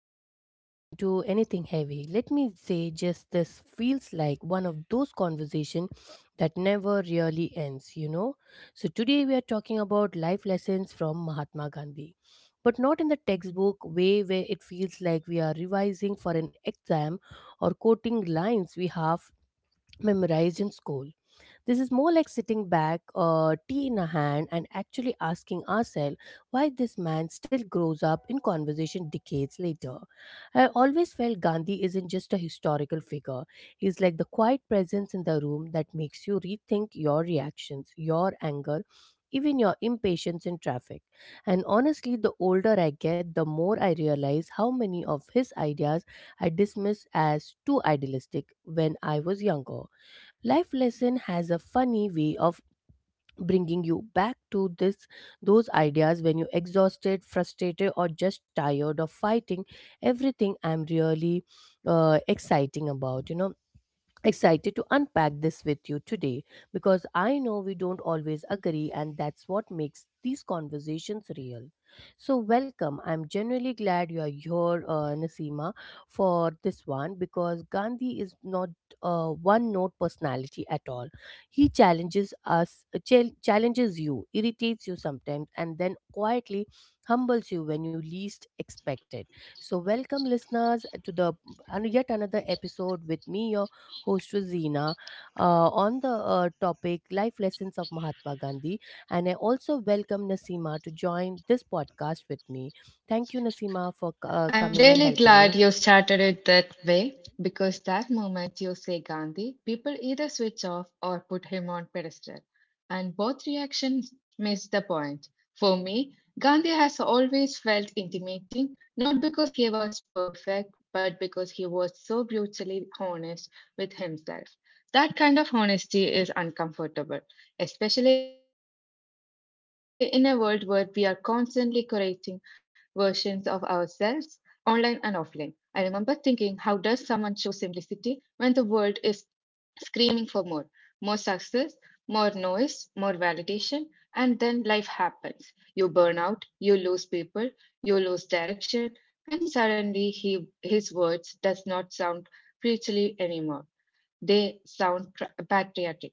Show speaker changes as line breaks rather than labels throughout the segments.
we even get into anything heavy, let me say just this feels like one of those conversation that never really ends. So today we are talking about life lessons from Mahatma Gandhi, but not in the textbook way where it feels like we are revising for an exam or quoting lines we have memorized in school. This is more like sitting back, tea in a hand, and actually asking ourselves why this man still grows up in conversation decades later. I always felt Gandhi isn't just a historical figure, he's like the quiet presence in the room that makes you rethink your reactions, your anger, even your impatience in traffic. And honestly, the older I get, the more I realize how many of his ideas I dismissed as too idealistic when I was younger. Life lesson has a funny way of bringing you back to this those ideas when you're exhausted, frustrated or just tired of fighting everything. I'm really exciting about, excited to unpack this with you today, because I know we don't always agree, and that's what makes these conversations real. So, welcome. I'm genuinely glad you are here, Nasima, for this one, because Gandhi is not a one note personality at all. He challenges us, challenges you, irritates you sometimes, and then quietly humbles you when you least expect it. So, welcome, listeners, to the and yet another episode with me, your host Rosina, on the topic Life Lessons of Mahatma Gandhi. And I also welcome Nasima to join this podcast with me. Thank you, Nasima, for
I'm
coming, and I'm
really
helping very
glad
me.
you
Glad you
started it
started it
that
that
way
way.
because that moment you say Gandhi, people either switch off or put him on pedestal, and both reactions miss the point. For me, Gandhi has always felt intimidating, not because he was perfect, but because he was so brutally honest with himself. That kind of honesty is uncomfortable, especially in a world where we are constantly creating versions of ourselves online and offline. I remember thinking, how does someone choose simplicity when the world is screaming for more? More success, more noise, more validation, and then life happens. You burn out, you lose people, you lose direction, and suddenly he, his words does not sound preachily anymore. They sound patriotic.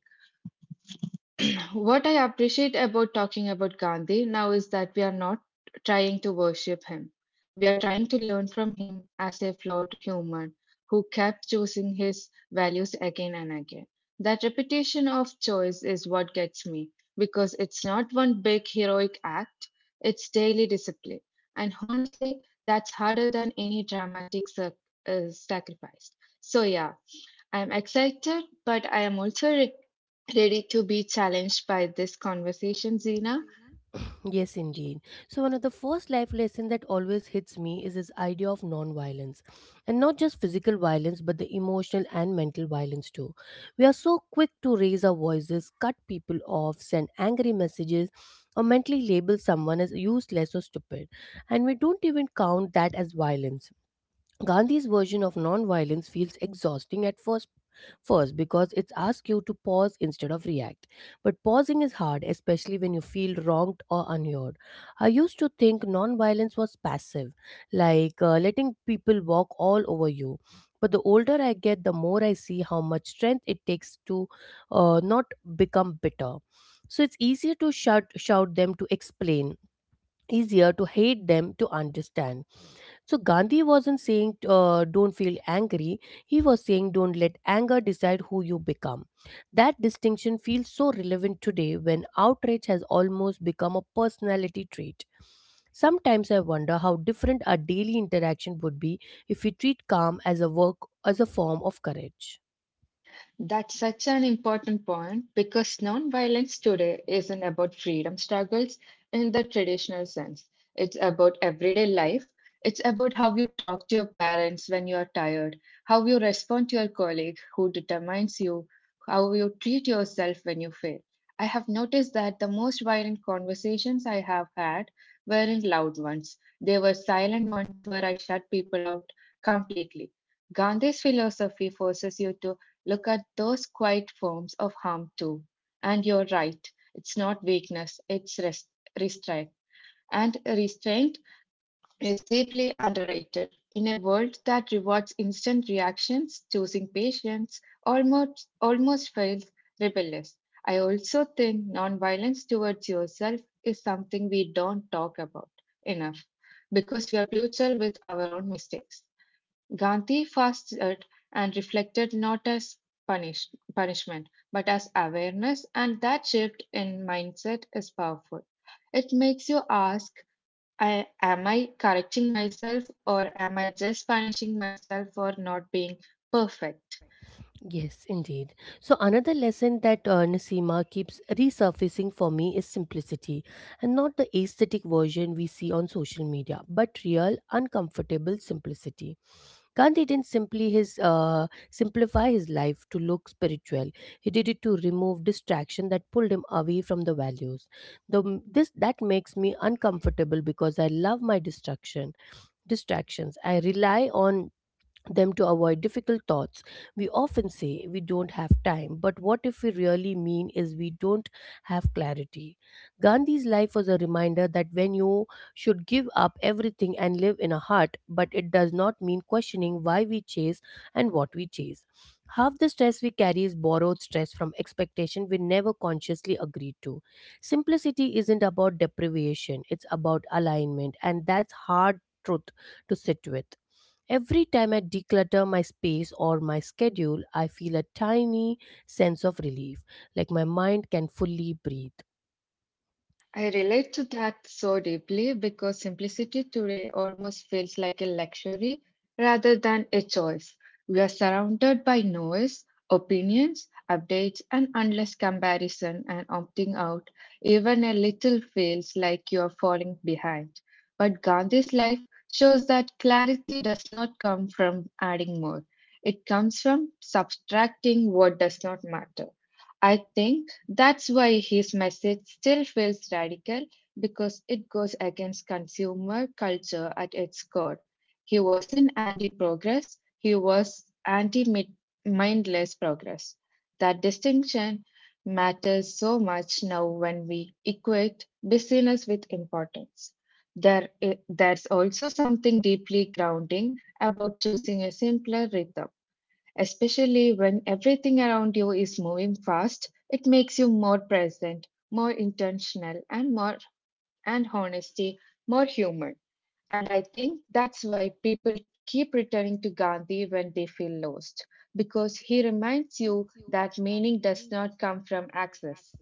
What I appreciate about talking about Gandhi now is that we are not trying to worship him. We are trying to learn from him as a flawed human who kept choosing his values again and again. That repetition of choice is what gets me because it's not one big heroic act, it's daily discipline. And honestly, that's harder than any dramatic sacrifice. So, yeah, I'm excited, but I am also ready to be challenged by this conversation, Zina?
Yes, indeed. So, one of the first life lessons that always hits me is this idea of non-violence, and not just physical violence, but the emotional and mental violence too. We are so quick to raise our voices, cut people off, send angry messages, or mentally label someone as useless or stupid, and we don't even count that as violence. Gandhi's version of non-violence feels exhausting at first, because it asks you to pause instead of react. But pausing is hard, especially when you feel wronged or unheard. I used to think non-violence was passive, like letting people walk all over you. But the older I get, the more I see how much strength it takes to not become bitter. So it's easier to shout, shout them to explain, easier to hate them to understand. So Gandhi wasn't saying don't feel angry. He was saying don't let anger decide who you become. That distinction feels so relevant today when outrage has almost become a personality trait. Sometimes I wonder how different our daily interaction would be if we treat calm as a work as a form of courage.
That's such an important point because nonviolence today isn't about freedom struggles in the traditional sense. It's about everyday life. It's about how you talk to your parents when you are tired, how you respond to your colleague who determines you, how you treat yourself when you fail. I have noticed that the most violent conversations I have had weren't loud ones. They were silent ones where I shut people out completely. Gandhi's philosophy forces you to look at those quiet forms of harm too. And you're right, it's not weakness, it's restraint. And restraint is deeply underrated. In a world that rewards instant reactions, choosing patience almost feels rebellious. I also think nonviolence towards yourself is something we don't talk about enough because we are brutal with our own mistakes. Gandhi fasted and reflected not as punish, punishment, but as awareness, and that shift in mindset is powerful. It makes you ask, am I correcting myself, or am I just punishing myself for not being perfect?
Yes, indeed. So, another lesson that Nasima keeps resurfacing for me is simplicity, and not the aesthetic version we see on social media, but real, uncomfortable simplicity. Gandhi didn't simply his simplify his life to look spiritual. He did it to remove distraction that pulled him away from the values. The, this that makes me uncomfortable because I love my distraction distractions. I rely on them to avoid difficult thoughts. We often say we don't have time, but what if we really mean is we don't have clarity? Gandhi's life was a reminder that when you should give up everything and live in a hut, but it does not mean questioning why we chase and what we chase. Half the stress we carry is borrowed stress from expectation we never consciously agreed to. Simplicity isn't about deprivation, it's about alignment, and that's hard truth to sit with. Every time I declutter my space or my schedule, I feel a tiny sense of relief, like my mind can fully breathe.
I relate to that so deeply because simplicity today almost feels like a luxury rather than a choice. We are surrounded by noise, opinions, updates, and endless comparison, and opting out even a little feels like you are falling behind. But Gandhi's life shows that clarity does not come from adding more, it comes from subtracting what does not matter. I think that's why his message still feels radical because it goes against consumer culture at its core. He wasn't anti progress, he was anti mindless progress. That distinction matters so much now when we equate busyness with importance. There's also something deeply grounding about choosing a simpler rhythm, especially when everything around you is moving fast. It makes you more present, more intentional, and more and honesty, more human. And I think that's why people keep returning to Gandhi when they feel lost, because he reminds you that meaning does not come from access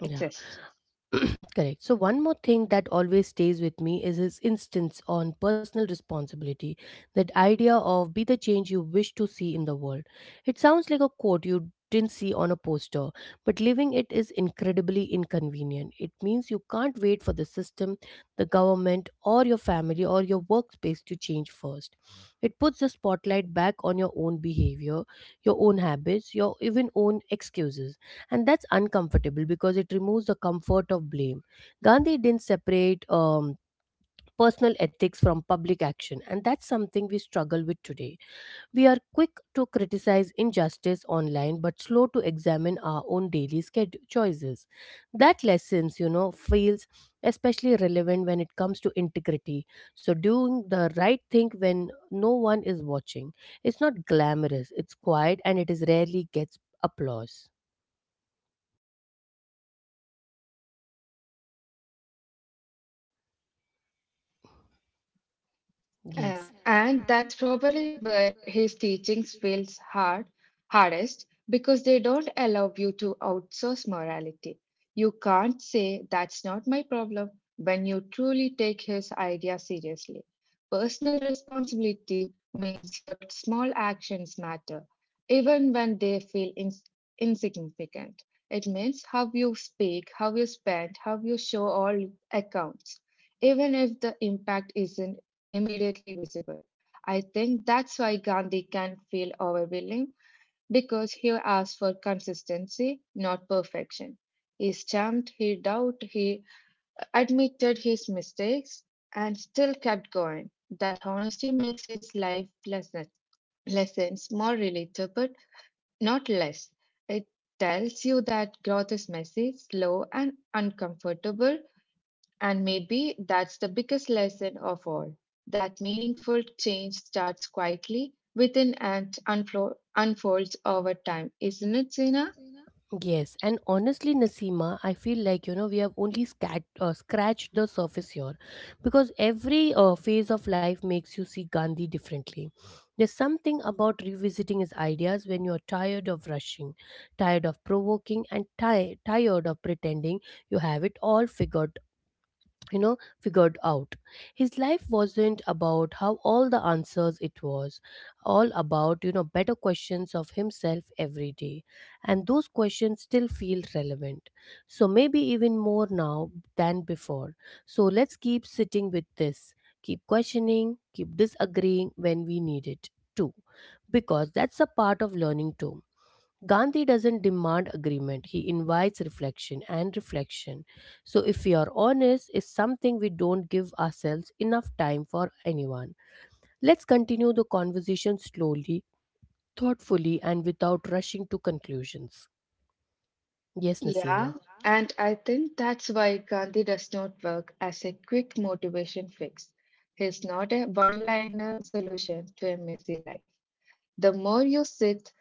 Yeah.
excess.
Correct. So, one more thing that always stays with me is his instance on personal responsibility, that idea of be the change you wish to see in the world. It sounds like a quote you didn't see on a poster, but living it is incredibly inconvenient. It means you can't wait for the system, the government, or your family or your workspace to change first. It puts the spotlight back on your own behavior, your own habits, your even own excuses, and that's uncomfortable because it removes the comfort of blame. Gandhi didn't separate personal ethics from public action, and that's something we struggle with today. We are quick to criticize injustice online but slow to examine our own daily choices. That lessons feels especially relevant when it comes to integrity. So doing the right thing when no one is watching, it's not glamorous, it's quiet, and it is rarely gets applause. Yes.
And that's probably where his teachings fails hardest because they don't allow you to outsource morality. You can't say that's not my problem when you truly take his idea seriously. Personal responsibility means your small actions matter, even when they feel insignificant. It means how you speak, how you spend, how you show all accounts, even if the impact isn't immediately visible. I think that's why Gandhi can feel overwhelming because he asks for consistency, not perfection. He stamped, he doubted, he admitted his mistakes, and still kept going. That honesty makes his lessons more relatable, not less. It tells you that growth is messy, slow, and uncomfortable, and maybe that's the biggest lesson of all, that meaningful change starts quietly within and unfolds over time, isn't it, Zina?
Yes, and honestly, Nasima, I feel like we have only scratched the surface here, because every phase of life makes you see Gandhi differently. There's something about revisiting his ideas when you're tired of rushing, tired of provoking, and tired of pretending you have it all figured you know figured out. His life wasn't about how all the answers, it was all about better questions of himself every day, and those questions still feel relevant, so maybe even more now than before. So let's keep sitting with this, keep questioning, keep disagreeing when we need it too, because that's a part of learning too. Gandhi doesn't demand agreement, he invites reflection and reflection. So, if we are honest, is something we don't give ourselves enough time for anyone. Let's continue the conversation slowly, thoughtfully, and without rushing to conclusions. Yes,
Yeah,
Nasima. Yeah.
and I think that's why Gandhi does not work as a quick motivation fix. He's not a one liner solution to a messy life. The more you sit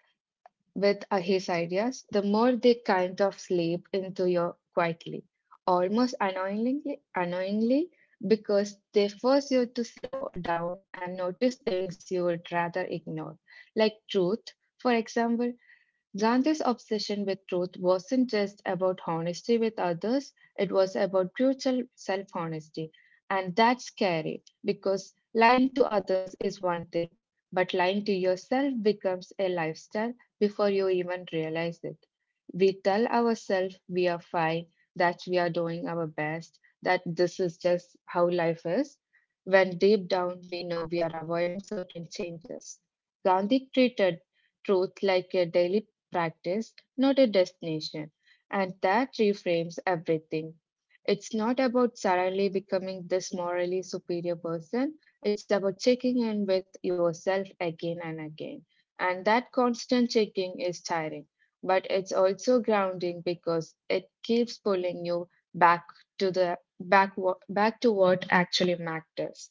with his ideas, the more they kind of slip into you quietly, annoyingly, because they force you to slow down and notice things you would rather ignore, like truth, for example. Gandhi's obsession with truth wasn't just about honesty with others, it was about brutal self honesty. And that's scary because lying to others is one thing, but lying to yourself becomes a lifestyle before you even realize it. We tell ourselves we are fine, that we are doing our best, that this is just how life is, when deep down we know we are avoiding certain changes. Gandhi treated truth like a daily practice, not a destination, and that reframes everything. It's not about suddenly becoming this morally superior person, it's about checking in with yourself again and again. And that constant checking is tiring, but it's also grounding because it keeps pulling you back to the back to what actually matters.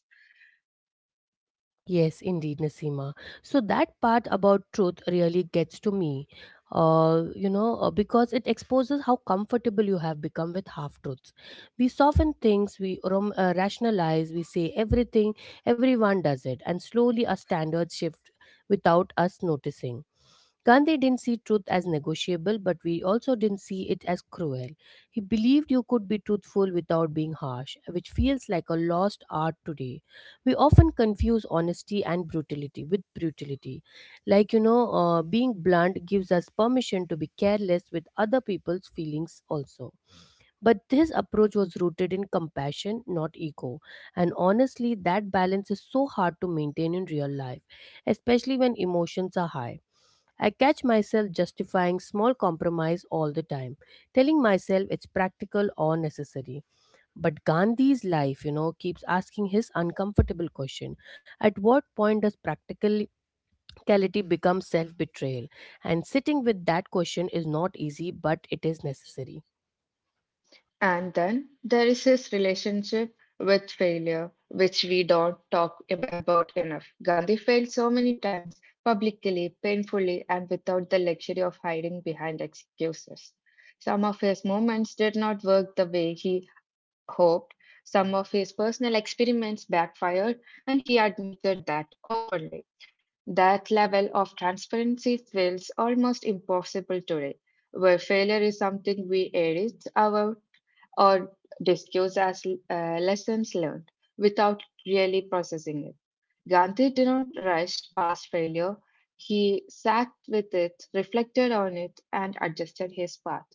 Yes, indeed, Nasima. So that part about truth really gets to me, you know, because it exposes how comfortable you have become with half truths. We soften things, we rationalize, we say everything, everyone does it, and slowly our standards shift without us noticing. Gandhi didn't see truth as negotiable, but we also didn't see it as cruel. He believed you could be truthful without being harsh, which feels like a lost art today. We often confuse honesty and brutality with brutality. Like, you know, being blunt gives us permission to be careless with other people's feelings also. But this approach was rooted in compassion, not ego. And honestly, that balance is so hard to maintain in real life, especially when emotions are high. I catch myself justifying small compromise all the time, telling myself it's practical or necessary. But Gandhi's life, keeps asking his uncomfortable question: at what point does practical reality becomes self betrayal, and sitting with that question is not easy, but it is necessary.
And then there is his relationship with failure, which we don't talk about enough. Gandhi failed so many times publicly, painfully, and without the luxury of hiding behind excuses. Some of his movements did not work the way he hoped. Some of his personal experiments backfired, and he admitted that openly. That level of transparency feels almost impossible today, where failure is something we edit our or discussed as lessons learned without really processing it. Gandhi did not rush past failure. He sat with it, reflected on it, and adjusted his path.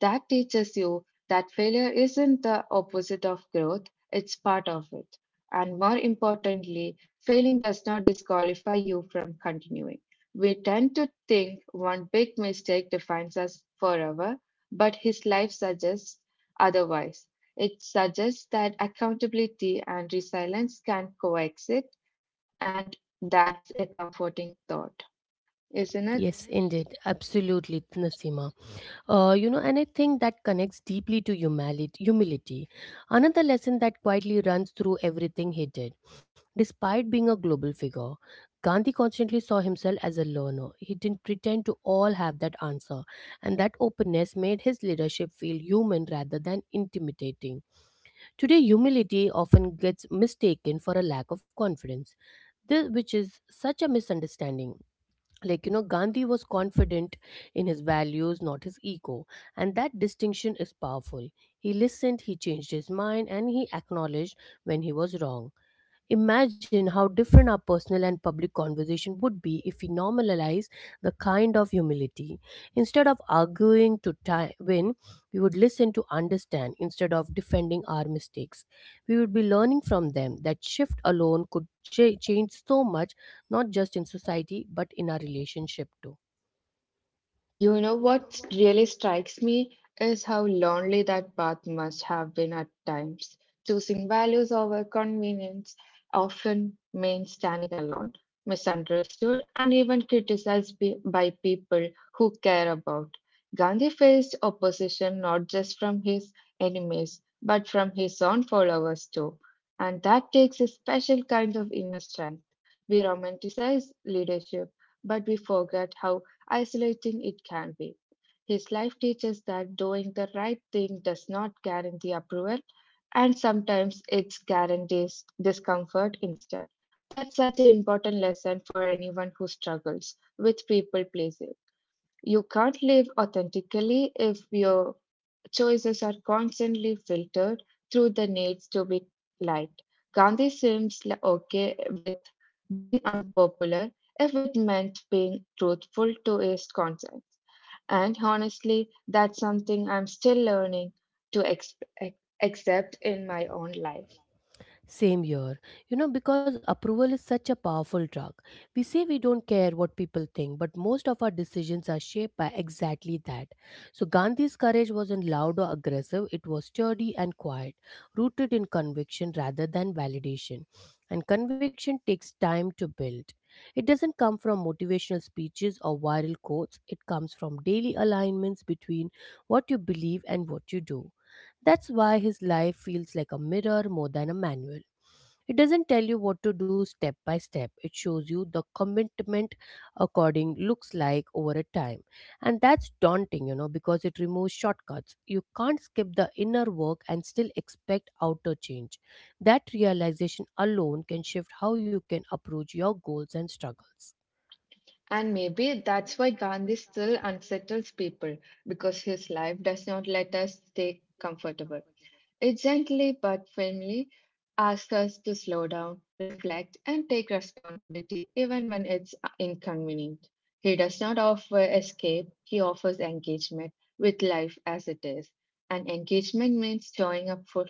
That teaches you that failure isn't the opposite of growth, it's part of it. And more importantly, failing does not disqualify you from continuing. We tend to think one big mistake defines us forever, but his life suggests otherwise. It suggests that accountability and resilience can coexist, and that's a comforting thought, isn't
Yes,
it?
indeed. Absolutely, Nasima. You know, and I think that connects deeply to humility. Another lesson that quietly runs through everything he did. Despite being a global figure, Gandhi constantly saw himself as a learner. He didn't pretend to all have that answer, and that openness made his leadership feel human rather than intimidating. Today, humility often gets mistaken for a lack of confidence, this, which is such a misunderstanding. Like, Gandhi was confident in his values, not his ego, and that distinction is powerful. He listened, he changed his mind, and he acknowledged when he was wrong. Imagine how different our personal and public conversation would be if we normalize the kind of humility. Instead of arguing to win, we would listen to understand instead of defending our mistakes. We would be learning from them. That shift alone could change so much, not just in society, but in our relationship too.
You know what really strikes me is how lonely that path must have been at times. Choosing values over convenience often means standing alone, misunderstood, and even criticized by people who care about. Gandhi faced opposition not just from his enemies, but from his own followers too. And that takes a special kind of inner strength. We romanticize leadership, but we forget how isolating it can be. His life teaches that doing the right thing does not guarantee approval, and sometimes it guarantees discomfort instead. That's such an important lesson for anyone who struggles with people pleasing. You can't live authentically if you choices are constantly filtered through the needs to be liked. Gandhi okay with being unpopular if it meant being truthful to his conscience. And honestly, that's something I'm still learning to ac- accept in my own life.
Same here. You know, because approval is such a powerful drug. We say we don't care what people think, but most of our decisions are shaped by exactly that. So, Gandhi's courage wasn't loud or aggressive, it was sturdy and quiet, rooted in conviction rather than validation. And conviction takes time to build. It doesn't come from motivational speeches or viral quotes, it comes from daily alignments between what you believe and what you do. That's why his life feels like a mirror more than a manual. It doesn't tell you what to do step by step. It shows you the commitment according looks like over a time. And that's daunting, because it removes shortcuts. You can't skip the inner work and still expect outer change. That realization alone can shift how you can approach your goals and struggles.
And maybe that's why Gandhi still unsettles people because his life does not let us stay comfortable. It gently but firmly asks us to slow down, reflect, and take responsibility even when it's inconvenient. He does not offer escape, he offers engagement with life as it is. And engagement means showing up for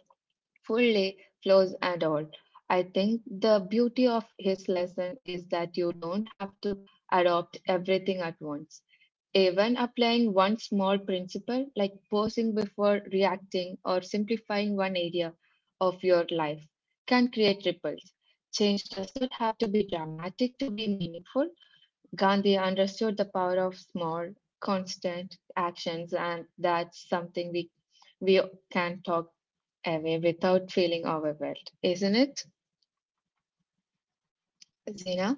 fully, flaws and all. I think the beauty of his lesson is that you don't have to adopt everything at once. Even applying one small principle, like pausing before reacting or simplifying one area of your life, can create ripples. Change does not have to be dramatic to be meaningful. Gandhi understood the power of small, constant actions, and that's something we can talk away without feeling overwhelmed, isn't it, Zina?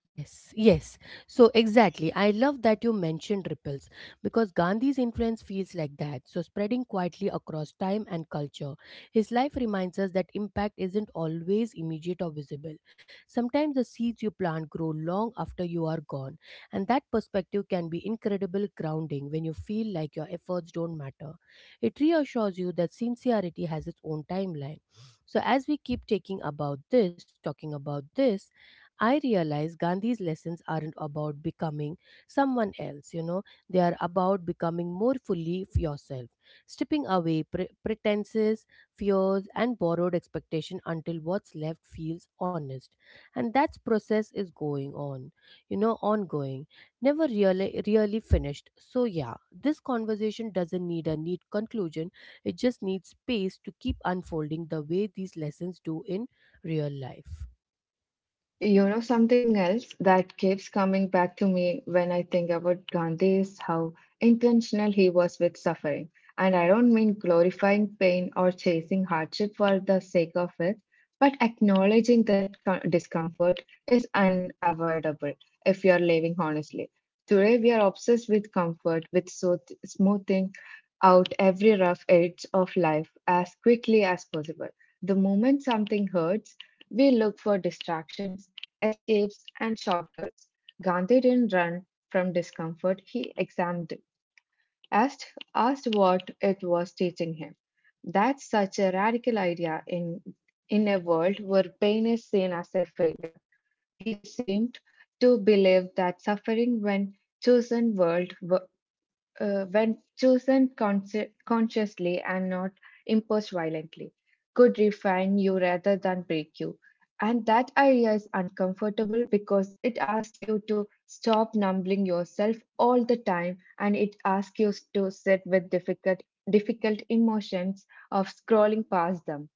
Yes, yes. So exactly. I love that you mentioned ripples because Gandhi's influence feels like that. So spreading quietly across time and culture. His life reminds us that impact isn't always immediate or visible. Sometimes the seeds you plant grow long after you are gone. And that perspective can be incredible grounding when you feel like your efforts don't matter. It reassures you that sincerity has its own timeline. So as we keep talking about this, I realize Gandhi's lessons aren't about becoming someone else, you know, they are about becoming more fully yourself, stripping away pretenses, fears, and borrowed expectation until what's left feels honest. And that process is going on, you know, ongoing, never really finished. So, yeah, this conversation doesn't need a neat conclusion, it just needs space to keep unfolding the way these lessons do in real life.
You know, something else that keeps coming back to me when I think about Gandhi is how intentional he was with suffering. And I don't mean glorifying pain or chasing hardship for the sake of it, but acknowledging that discomfort is unavoidable if you are living honestly. Today, we are obsessed with comfort, with so smoothing out every rough edge of life as quickly as possible. The moment something hurts, we look for distractions, escapes, and shortcuts. Gandhi didn't run from discomfort, he examined it, asked what it was teaching him. That's such a radical idea in a world where pain is seen as a failure. He seemed to believe that suffering, when chosen world, w- when chosen consciously and not imposed violently, could refine you rather than break you. And that idea is uncomfortable because it asks you to stop numbing yourself all the time and it asks you to sit with difficult emotions of scrolling past them.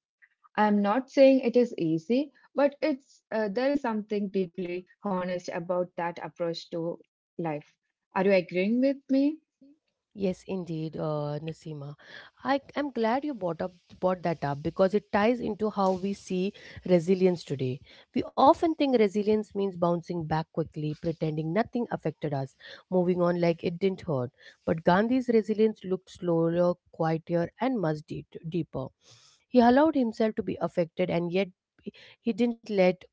I'm not saying it is easy, but it's there is something deeply honest about that approach to life. Are you agreeing with me?
Yes, indeed, Nasima. I am glad you brought that up because it ties into how we see resilience today. We often think resilience means bouncing back quickly, pretending nothing affected us, moving on like it didn't hurt. But Gandhi's resilience looked slower, quieter, and much deeper. He allowed himself to be affected and yet he didn't let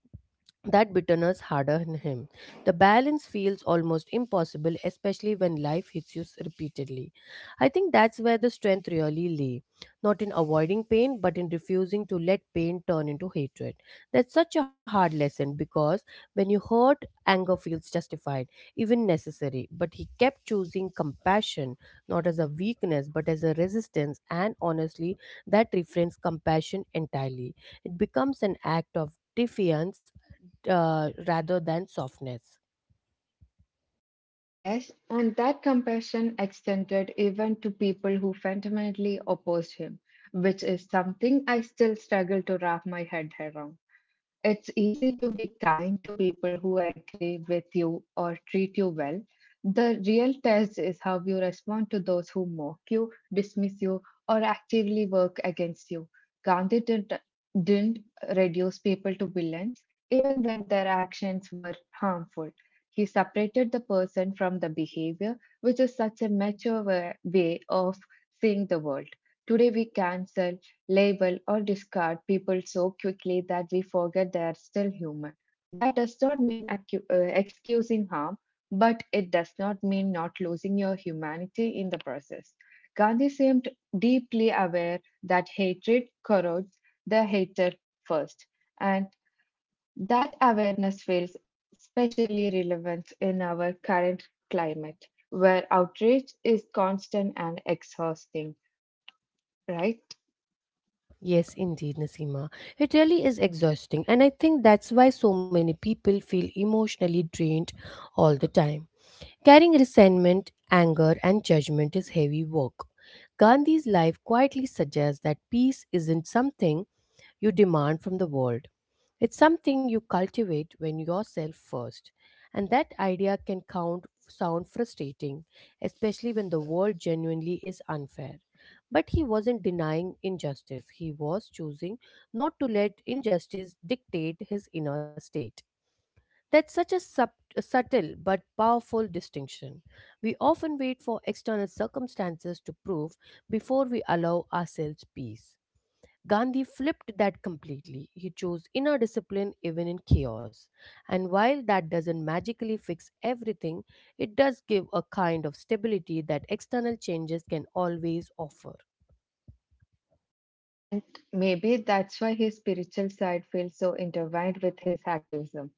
that bitterness harden him. The balance feels almost impossible, especially when life hits you repeatedly. I think that's where the strength really lay, not in avoiding pain, but in refusing to let pain turn into hatred. That's such a hard lesson because when you hurt, anger feels justified, even necessary. But he kept choosing compassion, not as a weakness, but as a resistance. And honestly, that refrains compassion entirely. It becomes an act of defiance rather than softness.
Yes, and that compassion extended even to people who fundamentally opposed him, which is something I still struggle to wrap my head around. It's easy to be kind to people who agree with you or treat you well. The real test is how you respond to those who mock you, dismiss you, or actively work against you. Gandhi didn't reduce people to villains, even when their actions were harmful. He separated the person from the behavior, which is such a mature way of seeing the world. Today, we cancel, label, or discard people so quickly that we forget they are still human. That does not mean excusing harm, but it does not mean not losing your humanity in the process. Gandhi seemed deeply aware that hatred corrodes the hater first, and that awareness feels especially relevant in our current climate where outrage is constant and exhausting, right?
Yes, indeed, Nasima. It really is exhausting, and I think that's why so many people feel emotionally drained all the time. Carrying resentment, anger, and judgment is heavy work. Gandhi's life quietly suggests that peace isn't something you demand from the world. It's something you cultivate when yourself first. And that idea can count sound frustrating, especially when the world genuinely is unfair. But he wasn't denying injustice. He was choosing not to let injustice dictate his inner state. That's such a a subtle but powerful distinction. We often wait for external circumstances to prove before we allow ourselves peace. Gandhi flipped that completely. He chose inner discipline even in chaos. And while that doesn't magically fix everything, it does give a kind of stability that external changes can always offer.
And maybe that's why his spiritual side feels so intertwined with his activism.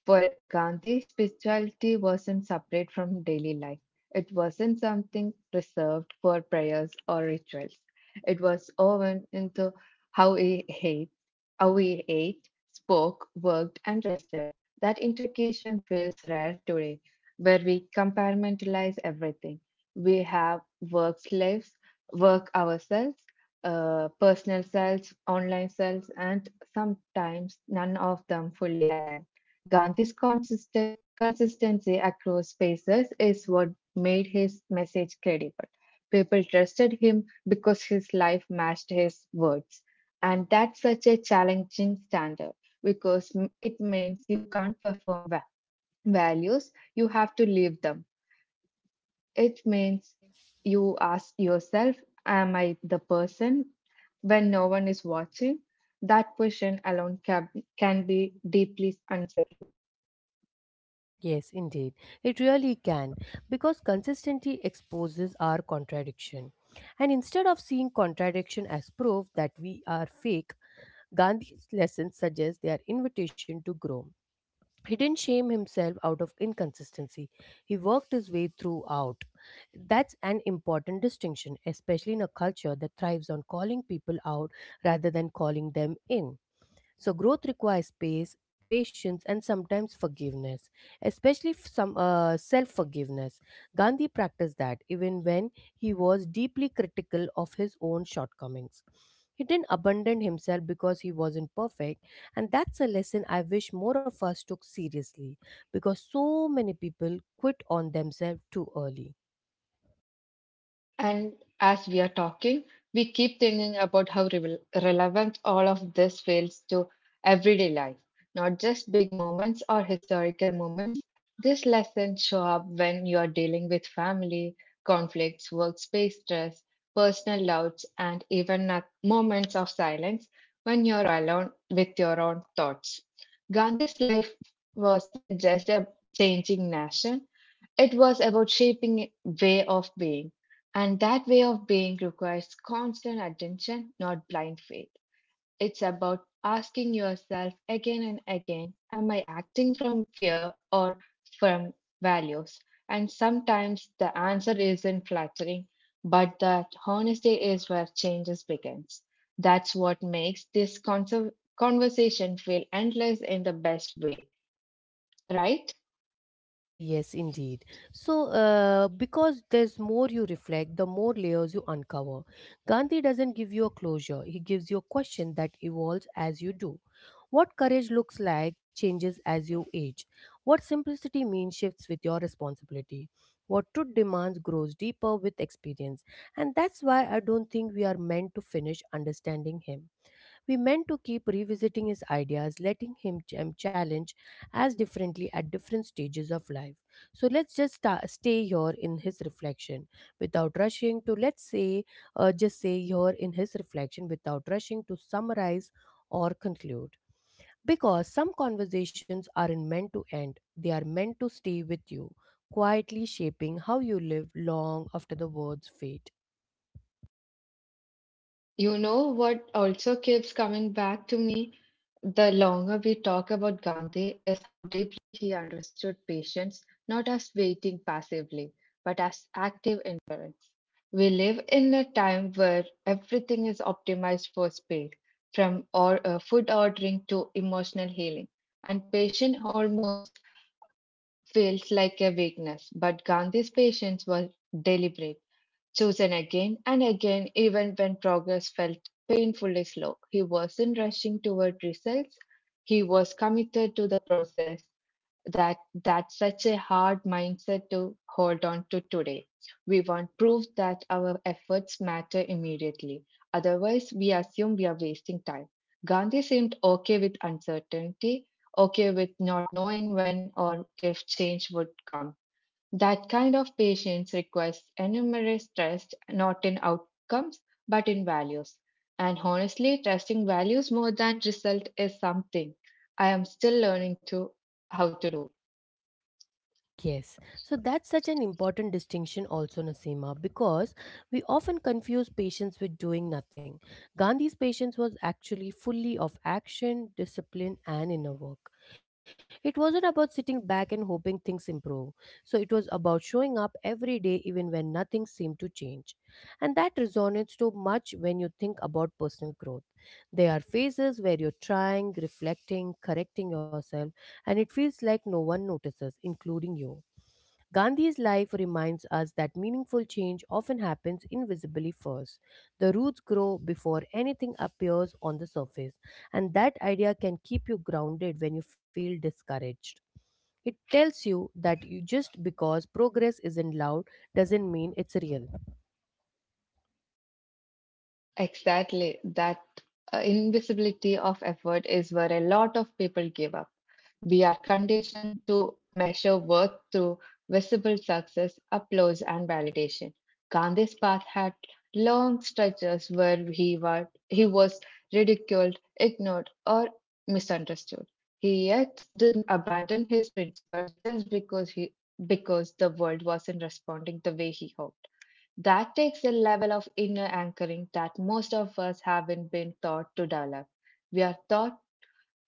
For Gandhi, spirituality wasn't separate from daily life. It wasn't something reserved for prayers or rituals. It was woven into how he ate, how he ate, spoke, worked, and rested. That integration feels rare today, where we compartmentalize everything. We have work lives, work ourselves, personal selves, online selves, and sometimes none of them fully aligned. Gandhi's consistent, consistency across spaces is what made his message credible. People trusted him because his life matched his words. And that's such a challenging standard because it means you can't perform values, you have to live them. It means you ask yourself, am I the person when no one is watching? That question alone can be deeply unsettling.
Yes, indeed. It really can, because consistency exposes our contradiction. And instead of seeing contradiction as proof that we are fake, Gandhi's lessons suggest their invitation to grow. He didn't shame himself out of inconsistency. He worked his way throughout. That's an important distinction, especially in a culture that thrives on calling people out rather than calling them in. So growth requires space, patience, and sometimes forgiveness, especially f- some self-forgiveness. Gandhi practiced that even when he was deeply critical of his own shortcomings. He didn't abandon himself because he wasn't perfect, and that's a lesson I wish more of us took seriously because so many people quit on themselves too early.
And as we are talking, we keep thinking about how relevant all of this feels to everyday life, not just big moments or historical moments. These lessons show up when you are dealing with family, conflicts, workspace stress, personal doubts, and even at moments of silence when you're alone with your own thoughts. Gandhi's life wasn't just a changing nation, it was about shaping a way of being, and that way of being requires constant attention, not blind faith. It's about asking yourself again and again, am I acting from fear or from values? And sometimes the answer isn't flattering, but that honesty is where changes begins. That's what makes this conversation feel endless in the best way, right?
Yes, indeed. So, because there's more you reflect, the more layers you uncover. Gandhi doesn't give you a closure, he gives you a question that evolves as you do. What courage looks like changes as you age. What simplicity means shifts with your responsibility. What truth demands grows deeper with experience. And that's why I don't think we are meant to finish understanding him. We meant to keep revisiting his ideas, letting him challenge as differently at different stages of life. So let's just stay here in his reflection without rushing to, let's say, just say here in his reflection without rushing to summarize or conclude. Because some conversations aren't meant to end, they are meant to stay with you, quietly shaping how you live long after the words fade.
You know what also keeps coming back to me? The longer we talk about Gandhi is how deeply he understood patience, not as waiting passively, but as active endurance. We live in a time where everything is optimized for speed, from food ordering to emotional healing, and patience almost feels like a weakness. But Gandhi's patience was deliberate. Chosen again and again, even when progress felt painfully slow. He wasn't rushing toward results, he was committed to the process. That's such a hard mindset to hold on to today. We want proof that our efforts matter immediately. Otherwise, we assume we are wasting time. Gandhi seemed okay with uncertainty, okay with not knowing when or if change would come that kind of patience requires enormous trust, not in outcomes, but in values. And honestly, trusting values more than result is something I am still learning to how to do.
Yes, so that's such an important distinction, also, Nasima, because we often confuse patience with doing nothing. Gandhi's patience was actually fully of action, discipline, and inner work. It wasn't about sitting back and hoping things improve, so it was about showing up every day, even when nothing seemed to change. And that resonates so much when you think about personal growth. There are phases where you're trying, reflecting, correcting yourself, and it feels like no one notices, including you. Gandhi's life reminds us that meaningful change often happens invisibly first. The roots grow before anything appears on the surface, and that idea can keep you grounded when you feel discouraged. It tells you that you just because progress isn't loud doesn't mean it's real.
Exactly, that invisibility of effort is where a lot of people give up. We are conditioned to measure worth through visible success, applause, and validation. Gandhi's path had long stretches where he was ridiculed, ignored, or misunderstood. He yet didn't abandon his principle just because the world wasn't responding the way he hoped. That takes a level of inner anchoring that most of us haven't been taught to develop. We are taught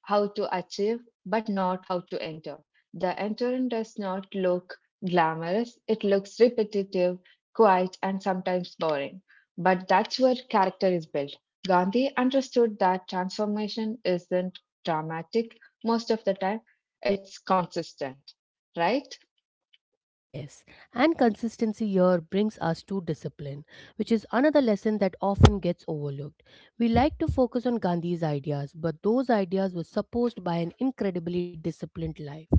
how to achieve but not how to enter. The entering does not look glamorous, it looks repetitive, quiet, and sometimes boring. But that's where character is built. Gandhi understood that transformation isn't dramatic most of the time, it's consistent, right?
Yes, and consistency here brings us to discipline, which is another lesson that often gets overlooked. We like to focus on Gandhi's ideas, but those ideas were supposed by an incredibly disciplined life.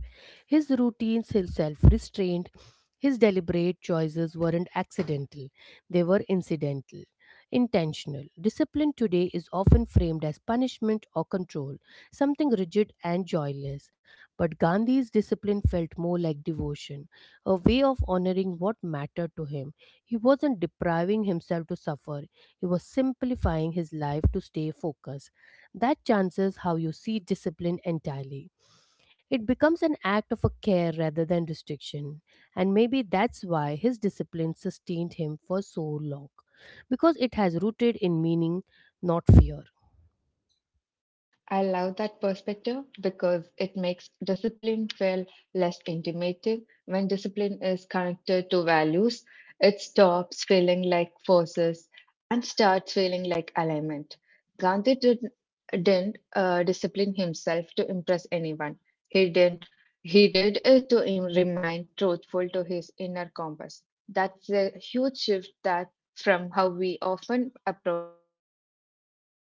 His routines, his self restraint, his deliberate choices weren't accidental, they were incidental. Intentional. Discipline today is often framed as punishment or control, something rigid and joyless. But Gandhi's discipline felt more like devotion a way of honoring what mattered to him. He wasn't depriving himself to suffer, he was simplifying his life to stay focused. That changes how you see discipline entirely. It becomes an act of a care rather than restriction, and maybe that's why his discipline sustained him for so long, because it has rooted in meaning, not fear.
I love that perspective because it makes discipline feel less intimidating. When discipline is connected to values, it stops feeling like forces and starts feeling like alignment. Gandhi didn't discipline himself to impress anyone. He didn't. He did it to remain truthful to his inner compass. That's a huge shift that from how we often approach self-improvement today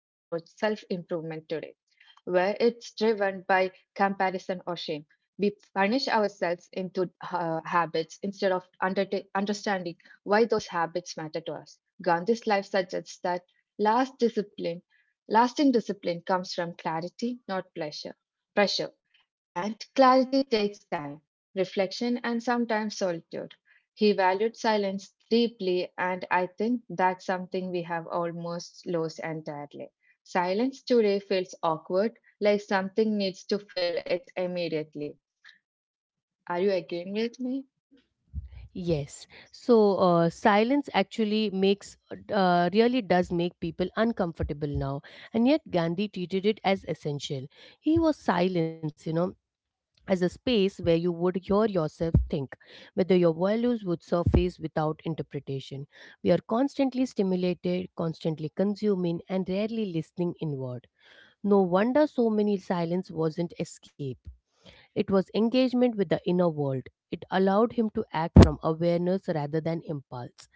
where it's driven by comparison or shame. We punish ourselves into habits instead of understanding why those habits matter to us. Gandhi's life suggests that last discipline, lasting discipline comes from clarity, not pleasure. Pressure. And clarity takes time, reflection, and sometimes solitude. He valued silence deeply, and I think that's something we have almost lost entirely. Silence today feels awkward, like something needs to fill it immediately. Are you agreeing with me?
Yes. So silence actually really does make people uncomfortable now. And yet Gandhi treated it as essential. He was silence, you know, as a space where you would hear yourself think, whether your values would surface without interpretation. We are constantly stimulated, constantly consuming, and rarely listening inward. No wonder so many silence wasn't escape. It was engagement with the inner world. It allowed him to act from awareness rather than impulse.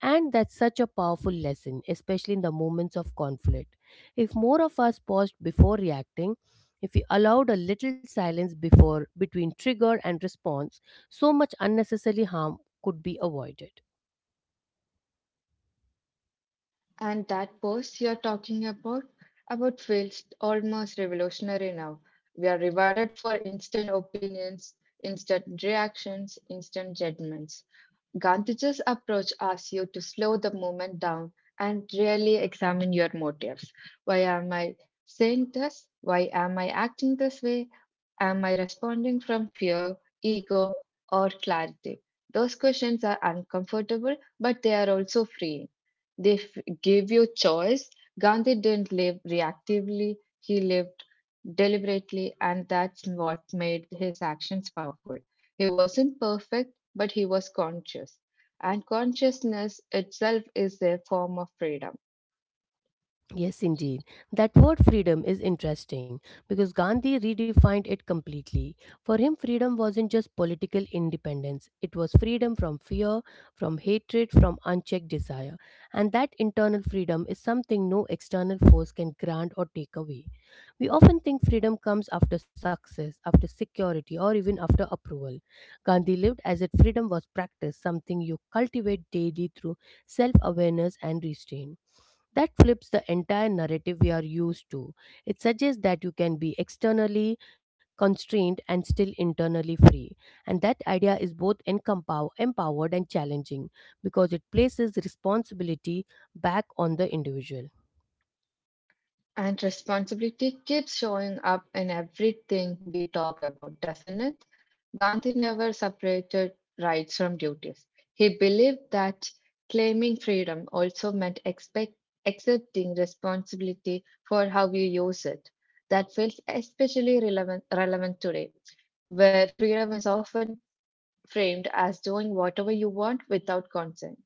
And that's such a powerful lesson, especially in the moments of conflict. If more of us paused before reacting, if we allowed a little silence before between trigger and response, so much unnecessary harm could be avoided.
And that pause about feels almost revolutionary now. We are rewarded for instant opinions, instant reactions, instant judgments. Gantage's approach asks you to slow the movement down and really examine your motives. Why am I saying this? Why am I acting this way? Am I responding from fear, ego, or clarity? Those questions are uncomfortable, but they are also freeing. Give you choice. Gandhi didn't live reactively, he lived deliberately, and that's what made his actions powerful. He wasn't perfect, but he was conscious. And consciousness itself is a form of freedom.
Yes, indeed. That word freedom is interesting because Gandhi redefined it completely. For him, freedom wasn't just political independence, it was freedom from fear, from hatred, from unchecked desire. And that internal freedom is something no external force can grant or take away. We often think freedom comes after success, after security, or even after approval. Gandhi lived as if freedom was practice, something you cultivate daily through self awareness and restraint. That flips the entire narrative we are used to. It suggests that you can be externally constrained and still internally free. And that idea is both empowered and challenging because it places responsibility back on the individual.
And responsibility keeps showing up in everything we talk about, doesn't it? Gandhi never separated rights from duties. He believed that claiming freedom also meant accepting responsibility for how you use it. That feels especially relevant today, where freedom is often framed as doing whatever you want without consent.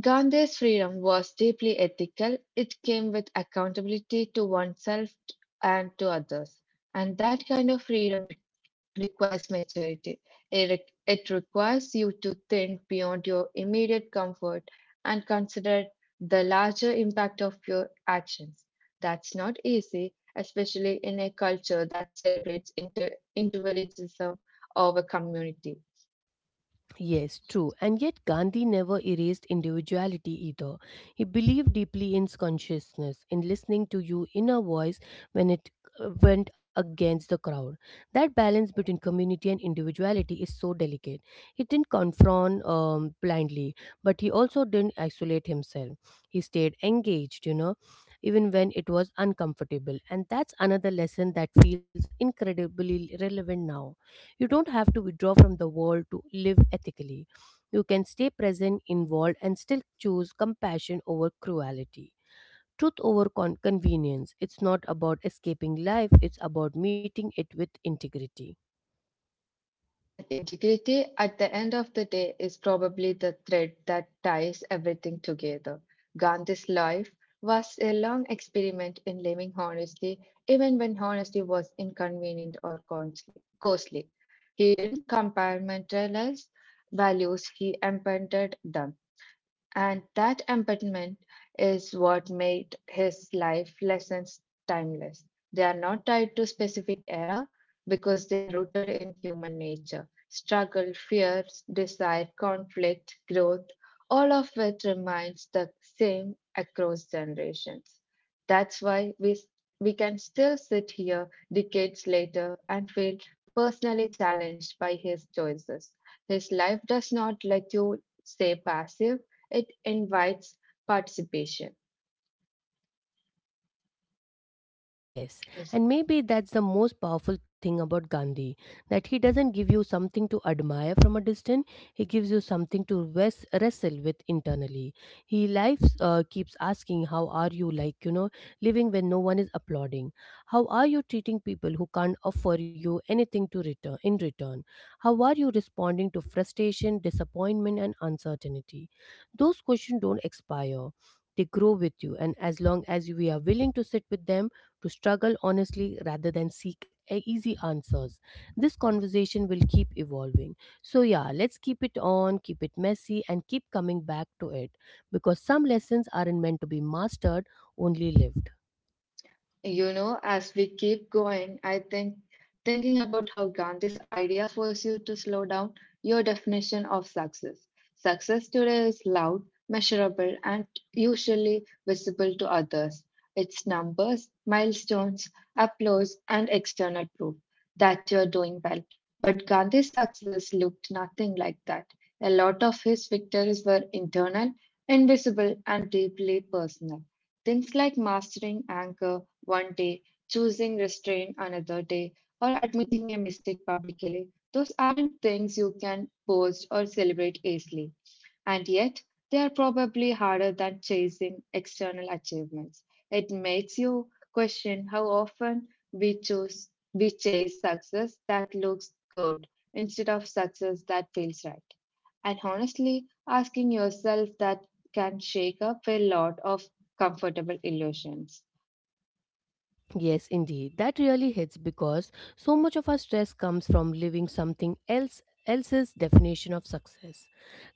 Gandhi's freedom was deeply ethical. It came with accountability to oneself and to others. And that kind of freedom requires maturity. It it requires you to think beyond your immediate comfort and consider the larger impact of your actions. That's not easy, especially in a culture that celebrates individualism over community.
Yes, true. And yet, Gandhi never erased individuality either. He believed deeply in consciousness, in listening to your inner voice when it went against the crowd. That balance between community and individuality is so delicate. He didn't confront blindly, but he also didn't isolate himself. He stayed engaged, you know, even when it was uncomfortable. And that's another lesson that feels incredibly relevant now. You don't have to withdraw from the world to live ethically. You can stay present, involved, and still choose compassion over cruelty. Truth over convenience. It's not about escaping life, it's about meeting it with integrity.
And integrity at the end of the day is probably the thread that ties everything together. Gandhi's life was a long experiment in living honestly, even when honesty was inconvenient or costly. He didn't compartmentalize values, he embedded them. And that embodiment is what made his life lessons timeless. They are not tied to specific era because they are rooted in human nature. Struggle, fears, desire, conflict, growth, all of which remains the same across generations. That's why we can still sit here decades later and feel personally challenged by his choices. His life does not let you stay passive it invites participation.
Yes,
Yes.
and maybe that's the most powerful thing about Gandhi that he doesn't give you something to admire from a distance, he gives you something to wrestle with internally. He lives keeps asking, How are you? Like, you know, living when no one is applauding. How are you treating people who can't offer you anything to return in return? How are you responding to frustration, disappointment, and uncertainty? Those questions don't expire. They grow with you, and as long as we are willing to sit with them, to struggle honestly rather than seek easy answers. This conversation will keep evolving. So, yeah, let's keep it on, keep it messy, and keep coming back to it because some lessons aren't meant to be mastered, only lived.
You know, as we keep going, I think thinking about how Gandhi's idea forced you to slow down your definition of success. Success today is loud, measurable, and usually visible to others. It's numbers, milestones, applause, and external proof that you are doing well. But Gandhi's success looked nothing like that. A lot of his victories were internal, invisible, and deeply personal. Things like mastering anger, one day, choosing restraint another day, or admitting a mistake publicly. Those aren't things you can boast or celebrate easily. And yet, they are probably harder than chasing external achievements. It makes you question how often we chase success that looks good instead of success that feels right. And honestly, asking yourself that can shake up a lot of comfortable illusions.
Yes, indeed. That really hits because so much of our stress comes from living something else else's definition of success.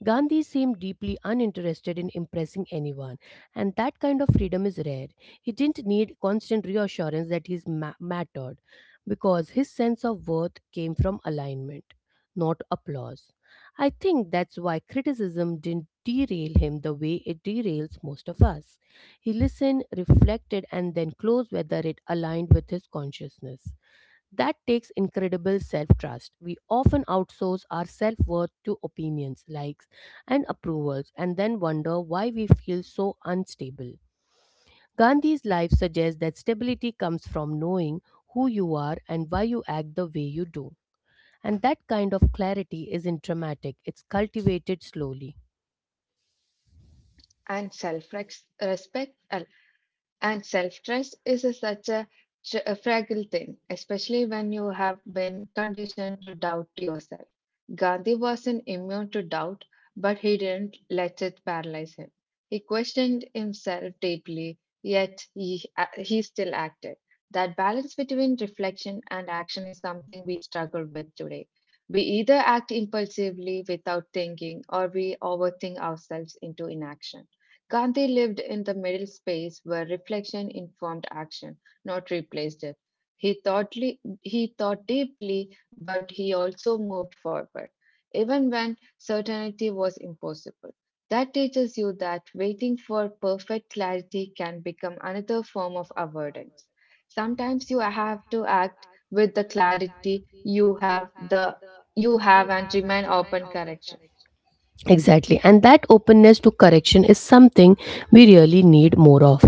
Gandhi seemed deeply uninterested in impressing anyone, and that kind of freedom is rare. He didn't need constant reassurance that he mattered because his sense of worth came from alignment, not applause. I think that's why criticism didn't derail him the way it derails most of us. He listened, reflected, and then closed whether it aligned with his consciousness. That takes incredible self trust. We often outsource our self worth to opinions, likes, and approvals, and then wonder why we feel so unstable. Gandhi's life suggests that stability comes from knowing who you are and why you act the way you do. And that kind of clarity isn't dramatic, it's cultivated slowly.
And self respect and self trust is such a fragile thing, especially when you have been conditioned to doubt yourself. Gandhi wasn't immune to doubt, but he didn't let it paralyze him. He questioned himself deeply, yet he still acted. That balance between reflection and action is something we struggle with today. We either act impulsively without thinking or we overthink ourselves into inaction. Gandhi lived in the middle space where reflection informed action, not replaced it. He thought deeply, but he also moved forward, even when certainty was impossible. That teaches you that waiting for perfect clarity can become another form of avoidance. Sometimes you have to act with the clarity you have and remain open correction.
Exactly, and that openness to correction is something we really need more of.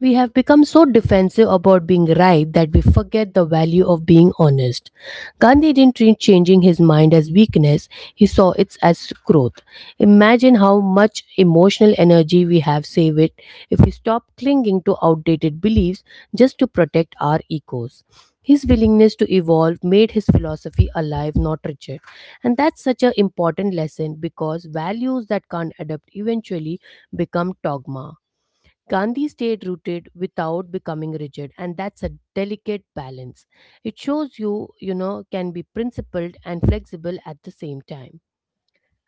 We have become so defensive about being right that we forget the value of being honest. Gandhi didn't treat changing his mind as weakness, he saw it as growth. Imagine how much emotional energy we have saved it if we stop clinging to outdated beliefs just to protect our egos. His willingness to evolve made his philosophy alive, not rigid. And that's such an important lesson because values that can't adapt eventually become dogma. Gandhi stayed rooted without becoming rigid, and that's a delicate balance. It shows you, you know, can be principled and flexible at the same time.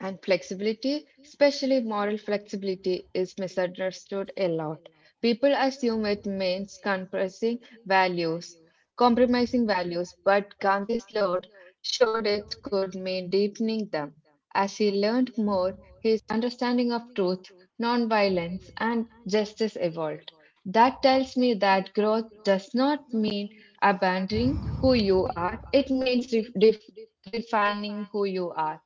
And flexibility, especially moral flexibility, is misunderstood a lot. People assume it means compressing values, compromising values, but Gandhi's Lord showed it could mean deepening them. As he learned more, his understanding of truth, nonviolence, and justice evolved. That tells me that growth does not mean abandoning who you are, it means refining who you are.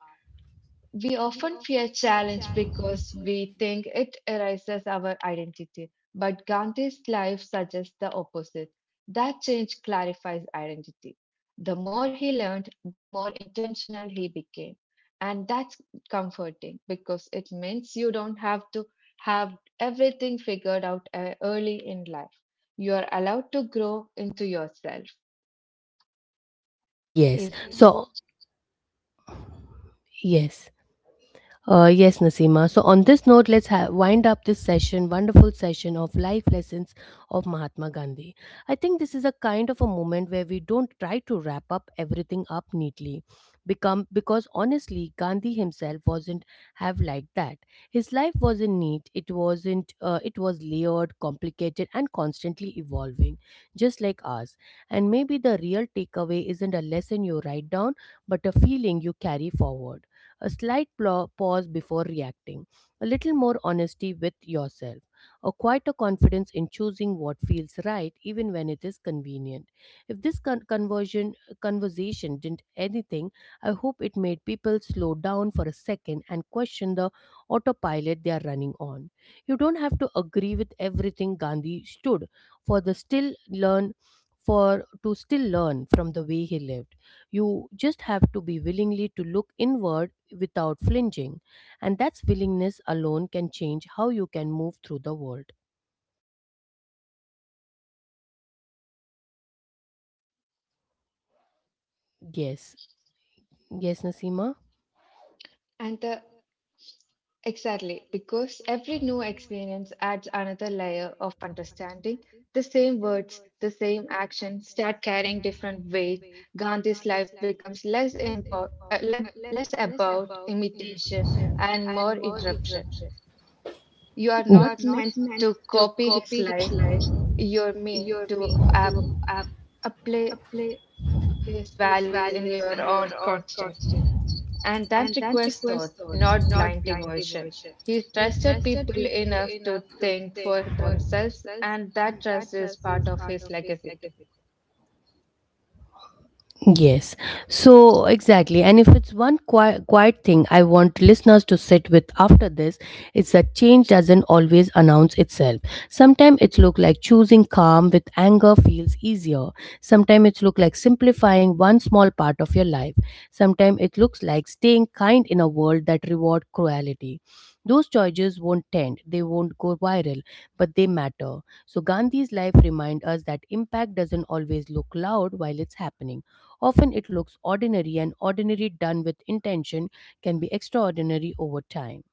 We often fear challenge because we think it erases our identity, but Gandhi's life suggests the opposite. That change clarifies identity. The more he learned, the more intentional he became. And that's comforting because it means you don't have to have everything figured out early in life. You are allowed to grow into yourself,
Yes.
isn't it?
So, yes. Yes, Nasima. So, on this note, let's wind up this session, wonderful session of life lessons of Mahatma Gandhi. I think this is a kind of a moment where we don't try to wrap up everything up neatly, become because honestly, Gandhi himself wasn't have liked that. His life wasn't neat. It wasn't. It was layered, complicated, and constantly evolving, just like ours. And maybe the real takeaway isn't a lesson you write down, but a feeling you carry forward a slight pause before reacting, a little more honesty with yourself, or quite a confidence in choosing what feels right even when it is convenient. If this con- conversion conversation didn't anything, I hope it made people slow down for a second and question the autopilot they are running on. You don't have to agree with everything Gandhi stood for the still learn for to still learn from the way he lived you just have to be willingly to look inward without flinching. And that's willingness alone can change how you can move through the world. Yes. Yes, Nasima?
And the Exactly, because every new experience adds another layer of understanding. The same words, the same action start carrying different weight. Gandhi's life becomes less about imitation and more interruption. You are not meant to copy his life, you're meant to apply his values in your own context. And that requires thought, not blind devotion. He trusted people enough to think for themselves, and that trust is part of his legacy too.
Yes. So exactly. And if it's one quiet thing I want listeners to sit with after this, it's that change doesn't always announce itself. Sometimes it's look like choosing calm with anger feels easier. Sometimes it's look like simplifying one small part of your life. Sometimes it looks like staying kind in a world that reward cruelty. Those choices won't tend, they won't go viral, but they matter. So Gandhi's life remind us that impact doesn't always look loud while it's happening Often it looks ordinary, and ordinary done with intention can be extraordinary over time.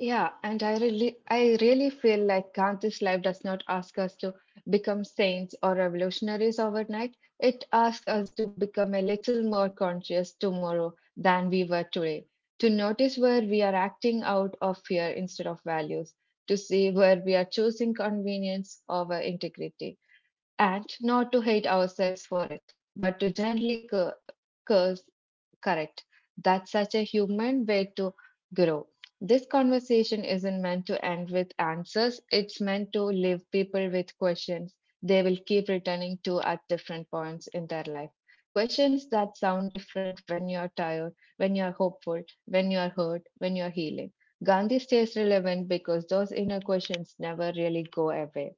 Yeah, and I really feel like Gandhi's life does not ask us to become saints or revolutionaries overnight. It asks us to become a little more conscious tomorrow than we were today, to notice where we are acting out of fear instead of values, to see where we are choosing convenience over integrity and not to hate ourselves for it, but to gently curse, correct. That's such a human way to grow. This conversation isn't meant to end with answers, it's meant to leave people with questions they will keep returning to at different points in their life. Questions that sound different when you're tired, when you're hopeful, when you're hurt, when you're healing. Gandhi stays relevant because those inner questions never really go away.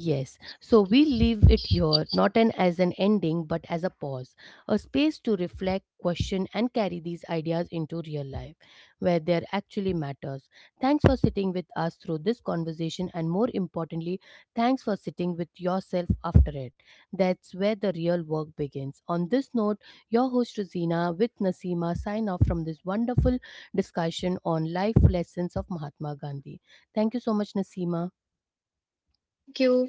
Yes, so we leave it here not an, as an ending but as a pause, a space to reflect, question, and carry these ideas into real life where they actually matters. Thanks for sitting with us through this conversation, and more importantly, thanks for sitting with yourself after it. That's where the real work begins. On this note, your host Rosina with Nasima sign off from this wonderful discussion on life lessons of Mahatma Gandhi. Thank you so much, Nasima.
Thank you.